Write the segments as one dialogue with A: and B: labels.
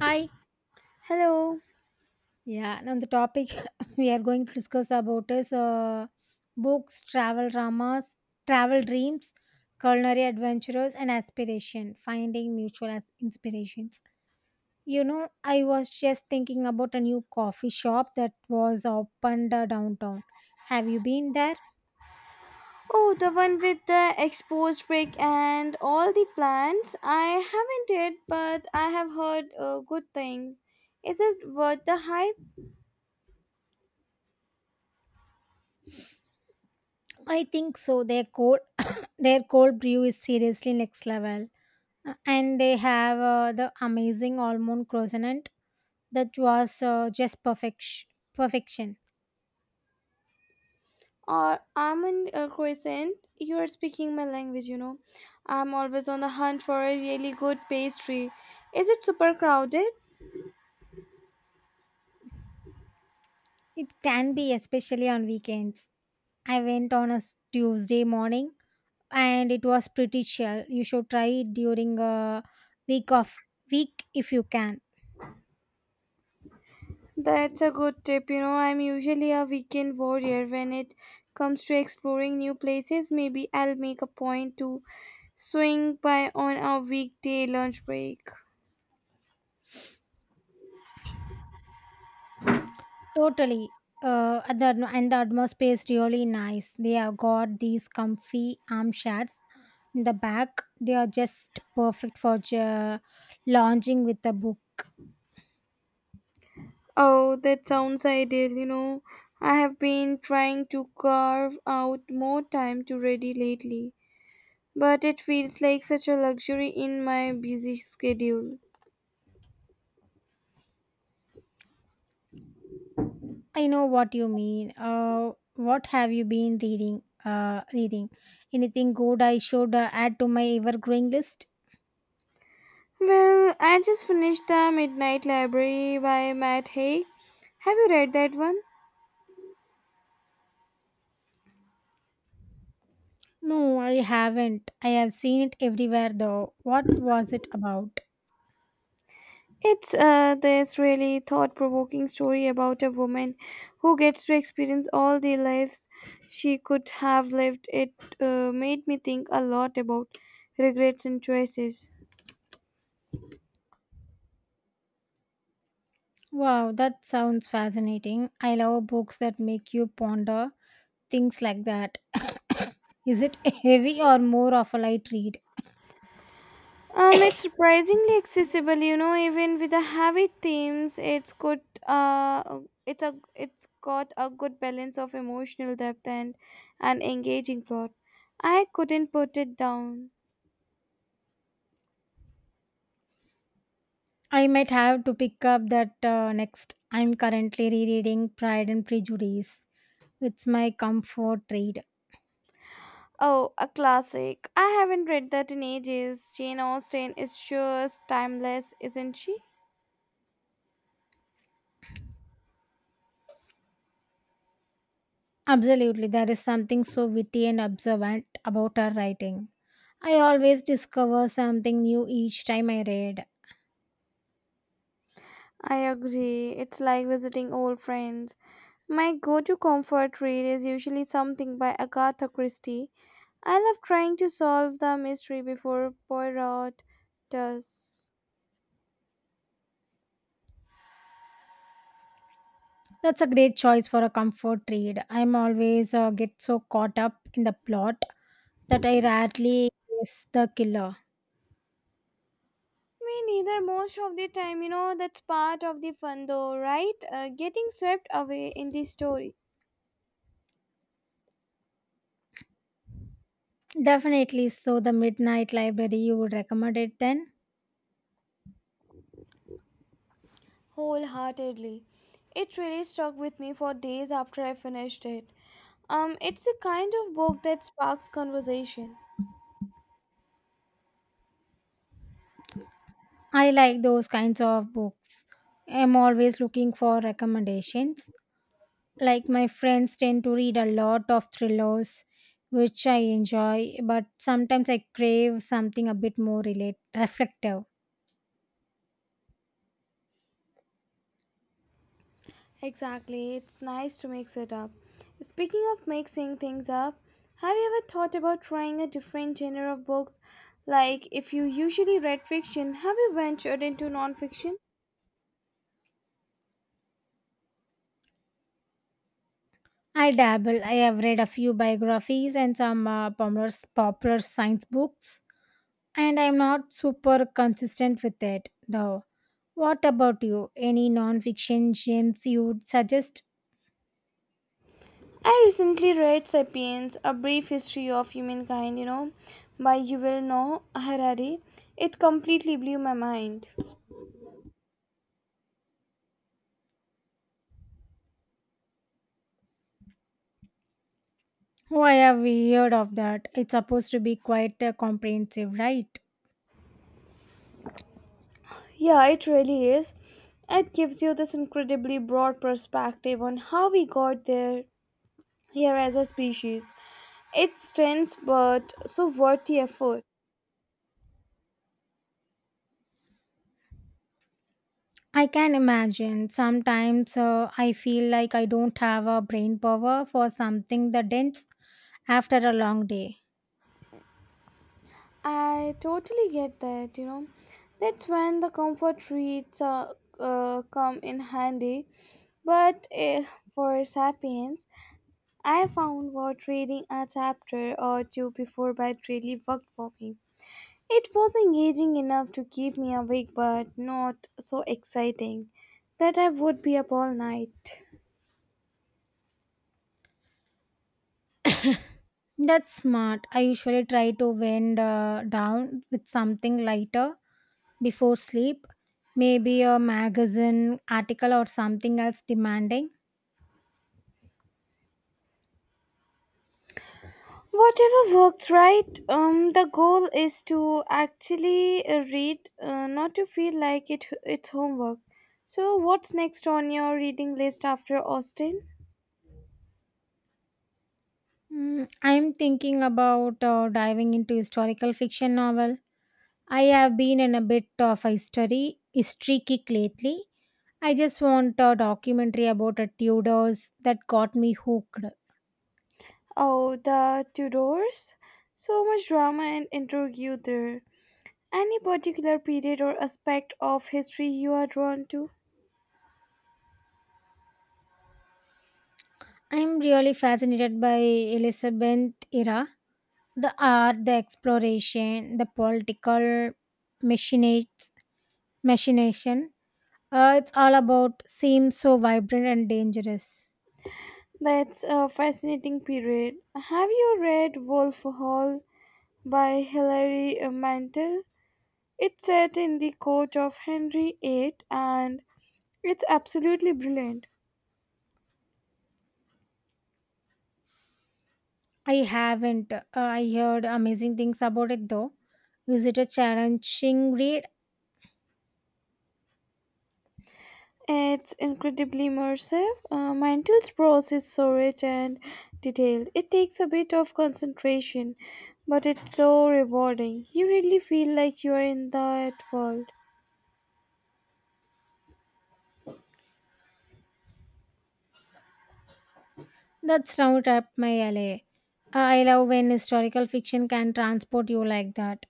A: Hi.
B: Hello.
A: Yeah, now the topic we are going to discuss about is books, travel dramas, travel dreams, culinary adventures, and aspiration, finding mutual as inspirations. You know, I was just thinking about a new coffee shop that was opened downtown. Have you been there?
B: Oh, the one with the exposed brick and all the plants. I haven't it, but I have heard good things. Is it worth the hype?
A: I think so. Their their cold brew is seriously next level. And they have the amazing almond croissant that was just perfect. Perfection.
B: Or almond crescent? You are speaking my language. I'm always on the hunt for a really good pastry. Is it super crowded?
A: It can be especially on weekends. I went on Tuesday morning, and it was pretty chill. You should try it during a week of week if you can.
B: That's a good tip. I'm usually a weekend warrior when it comes to exploring new places. Maybe I'll make a point to swing by on a weekday lunch break.
A: Totally. And the atmosphere is really nice. They have got these comfy armchairs in the back. They are just perfect for lounging with a book.
B: Oh, that sounds ideal. I have been trying to carve out more time to ready lately, but it feels like such a luxury in my busy schedule.
A: I know what you mean. What have you been reading? Reading anything good? I should add to my ever-growing list.
B: Well, I just finished The Midnight Library by Matt Haig. Have you read that one?
A: No, I haven't. I have seen it everywhere though. What was it about?
B: It's this really thought provoking story about a woman who gets to experience all the lives she could have lived. It made me think a lot about regrets and choices.
A: Wow, that sounds fascinating. I love books that make you ponder things like that. Is it heavy or more of a light read?
B: It's surprisingly accessible, even with the heavy themes, it's good. Uh, it's a it's got a good balance of emotional depth and an engaging plot. I couldn't put it down.
A: I might have to pick up that next. I'm currently rereading Pride and Prejudice. It's my comfort read.
B: Oh, a classic. I haven't read that in ages. Jane Austen is just timeless, isn't she?
A: Absolutely, there is something so witty and observant about her writing. I always discover something new each time I read.
B: I agree. It's like visiting old friends. My go to comfort read is usually something by Agatha Christie. I love trying to solve the mystery before Poirot does.
A: That's a great choice for a comfort read. I'm always get so caught up in the plot that I rarely guess the killer.
B: Me neither, most of the time. You know, that's part of the fun, though, right? Getting swept away in the story.
A: Definitely, so the Midnight Library, you would recommend it then?
B: Wholeheartedly. It really stuck with me for days after I finished it. It's a kind of book that sparks conversation.
A: I like those kinds of books. I'm always looking for recommendations. Like my friends tend to read a lot of thrillers, which I enjoy, but sometimes I crave something a bit more relate reflective.
B: Exactly, it's nice to mix it up. Speaking of mixing things up, have you ever thought about trying a different genre of books? Like, if you usually read fiction, have you ventured into nonfiction?
A: I dabble. I have read a few biographies and some popular science books, and I'm not super consistent with it though. What about you? Any non-fiction gems you would suggest?
B: I recently read Sapiens, A Brief History of Humankind, by Yuval Noah Harari. It completely blew my mind.
A: Oh, I have heard of that. It's supposed to be quite comprehensive, right?
B: Yeah, it really is. It gives you this incredibly broad perspective on how we got there here as a species. It's tense but so worth the effort.
A: I can imagine. Sometimes I feel like I don't have a brain power for something that ends after a long day.
B: I totally get that. That's when the comfort reads come in handy. But for Sapiens, I found what reading a chapter or two before bed really worked for me. It was engaging enough to keep me awake, but not so exciting that I would be up all night.
A: That's smart. I usually try to wind down with something lighter before sleep, maybe a magazine article or something else demanding.
B: Whatever works, right? The goal is to actually read, not to feel like it's homework. So, what's next on your reading list after Austin?
A: I'm thinking about diving into historical fiction novel. I have been in a bit of a history kick lately. I just want a documentary about a Tudors that got me hooked.
B: Oh, the Tudors. So much drama and intrigue there. Any particular period or aspect of history you are drawn to?
A: I'm really fascinated by Elizabeth era, the art, the exploration, the political machinates, machination. It's all about seems so vibrant and dangerous.
B: That's a fascinating period. Have you read Wolf Hall by Hilary Mantel? It's set in the court of Henry VIII and it's absolutely brilliant.
A: I haven't. I heard amazing things about it though. Is it a challenging read?
B: It's incredibly immersive. Mantel's prose is so rich and detailed. It takes a bit of concentration, but it's so rewarding. You really feel like you are in that world.
A: That's round up my alley. I love when historical fiction can transport you like that.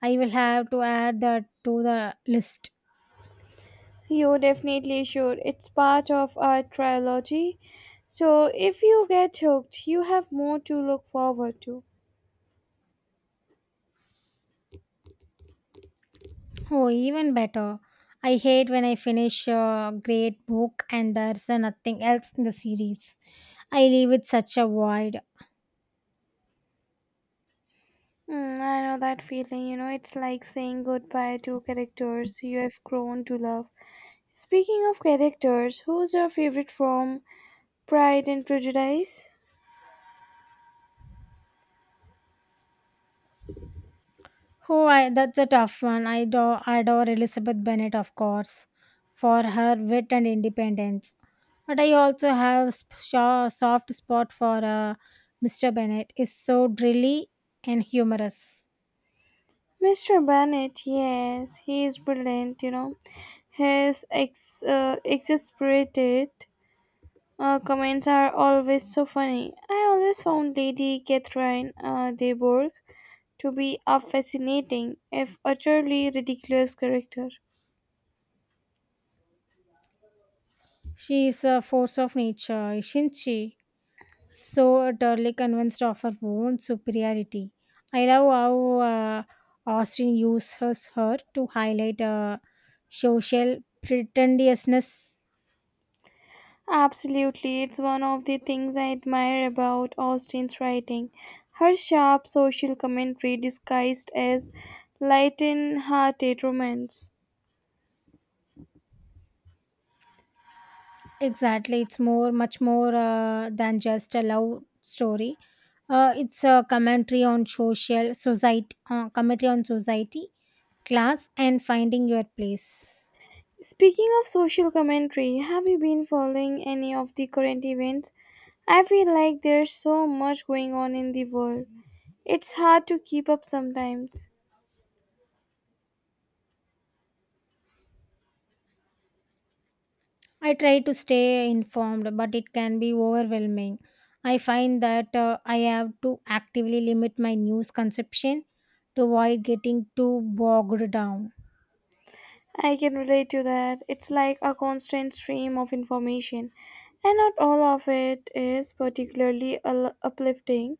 A: I will have to add that to the list.
B: You definitely should. It's part of our trilogy. So if you get hooked, you have more to look forward to.
A: Oh, even better. I hate when I finish a great book and there's nothing else in the series. I leave it such a void.
B: Mm, I know that feeling, it's like saying goodbye to characters you have grown to love. Speaking of characters, who's your favorite from Pride and Prejudice?
A: That's a tough one. I adore Elizabeth Bennet, of course, for her wit and independence. But I also have a soft spot for Mr. Bennet. Is so drilly and humorous.
B: Mr. Bennet, yes, he is brilliant. His exasperated comments are always so funny. I always found Lady Catherine de Bourgh to be a fascinating, if utterly ridiculous, character.
A: She is a force of nature, isn't she? So utterly convinced of her own superiority. I love how Austin uses her to highlight social pretentiousness.
B: Absolutely, it's one of the things I admire about Austen's writing. Her sharp social commentary disguised as lighten-hearted romance.
A: Exactly. It's much more than just a love story. It's a commentary on society, class, and finding your place.
B: Speaking of social commentary, have you been following any of the current events? I feel like there's so much going on in the world. It's hard to keep up sometimes.
A: I try to stay informed, but it can be overwhelming. I find that I have to actively limit my news consumption to avoid getting too bogged down.
B: I can relate to that. It's like a constant stream of information, and not all of it is particularly uplifting.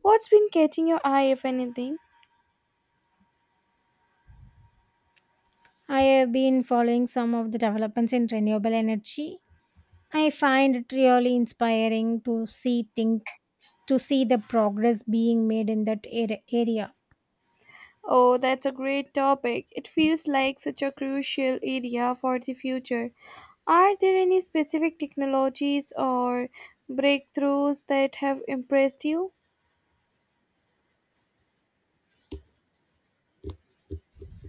B: What's been catching your eye, if anything?
A: I have been following some of the developments in renewable energy. I find it really inspiring to see things to see the progress being made in that area.
B: Oh, that's a great topic. It feels like such a crucial area for the future. Are there any specific technologies or breakthroughs that have impressed you?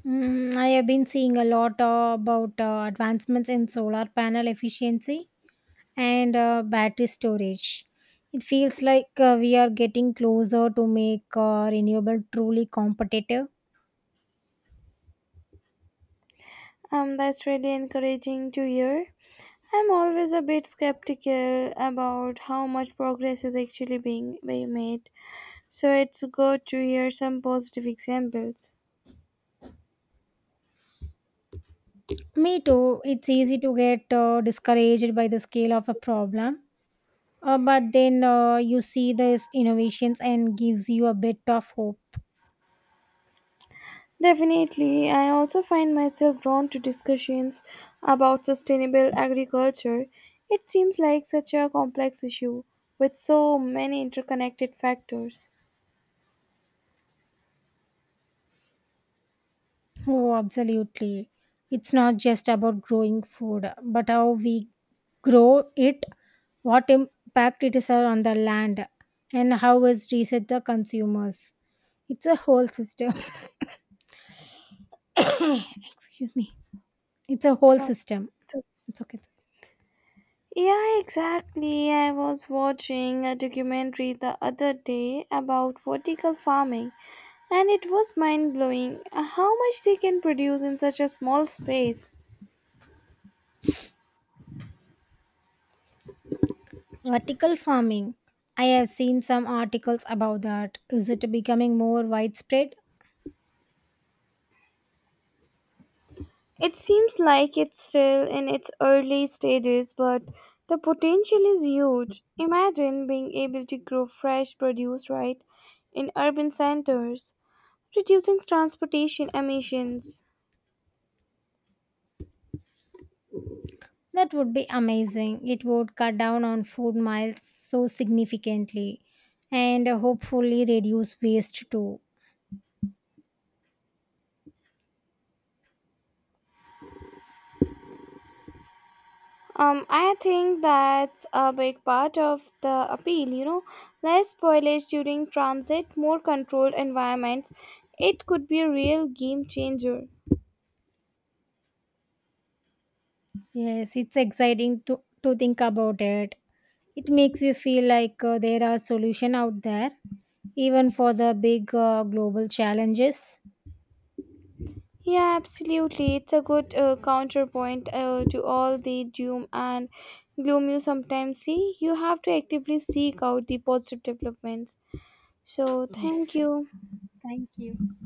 A: I have been seeing a lot about advancements in solar panel efficiency and battery storage. It feels like we are getting closer to make renewable truly competitive.
B: That's really encouraging to hear. I'm always a bit skeptical about how much progress is actually being made, so it's good to hear some positive examples.
A: Me too. It's easy to get discouraged by the scale of a problem, but then you see these innovations and gives you a bit of hope.
B: Definitely, I also find myself drawn to discussions about sustainable agriculture. It seems like such a complex issue with so many interconnected factors.
A: Oh, absolutely. It's not just about growing food, but how we grow it, what impact it is on the land, and how is reset the consumers. It's a whole system. Excuse me. It's a whole
B: So,
A: system.
B: so.
A: It's okay.
B: Yeah, exactly. I was watching a documentary the other day about vertical farming, and it was mind blowing how much they can produce in such a small space.
A: Vertical farming. I have seen some articles about that. Is it becoming more widespread?
B: It seems like it's still in its early stages, but the potential is huge. Imagine being able to grow fresh produce right in urban centers, reducing transportation emissions.
A: That would be amazing. It would cut down on food miles so significantly and hopefully reduce waste too.
B: I think that's a big part of the appeal, less spoilage during transit, more controlled environments. It could be a real game changer.
A: Yes, it's exciting to think about it. It makes you feel like there are solutions out there, even for the big global challenges.
B: Yeah, absolutely. It's a good counterpoint to all the doom and gloom you sometimes see. You have to actively seek out the positive developments. So, thank
A: Yes,
B: you.
A: thank you.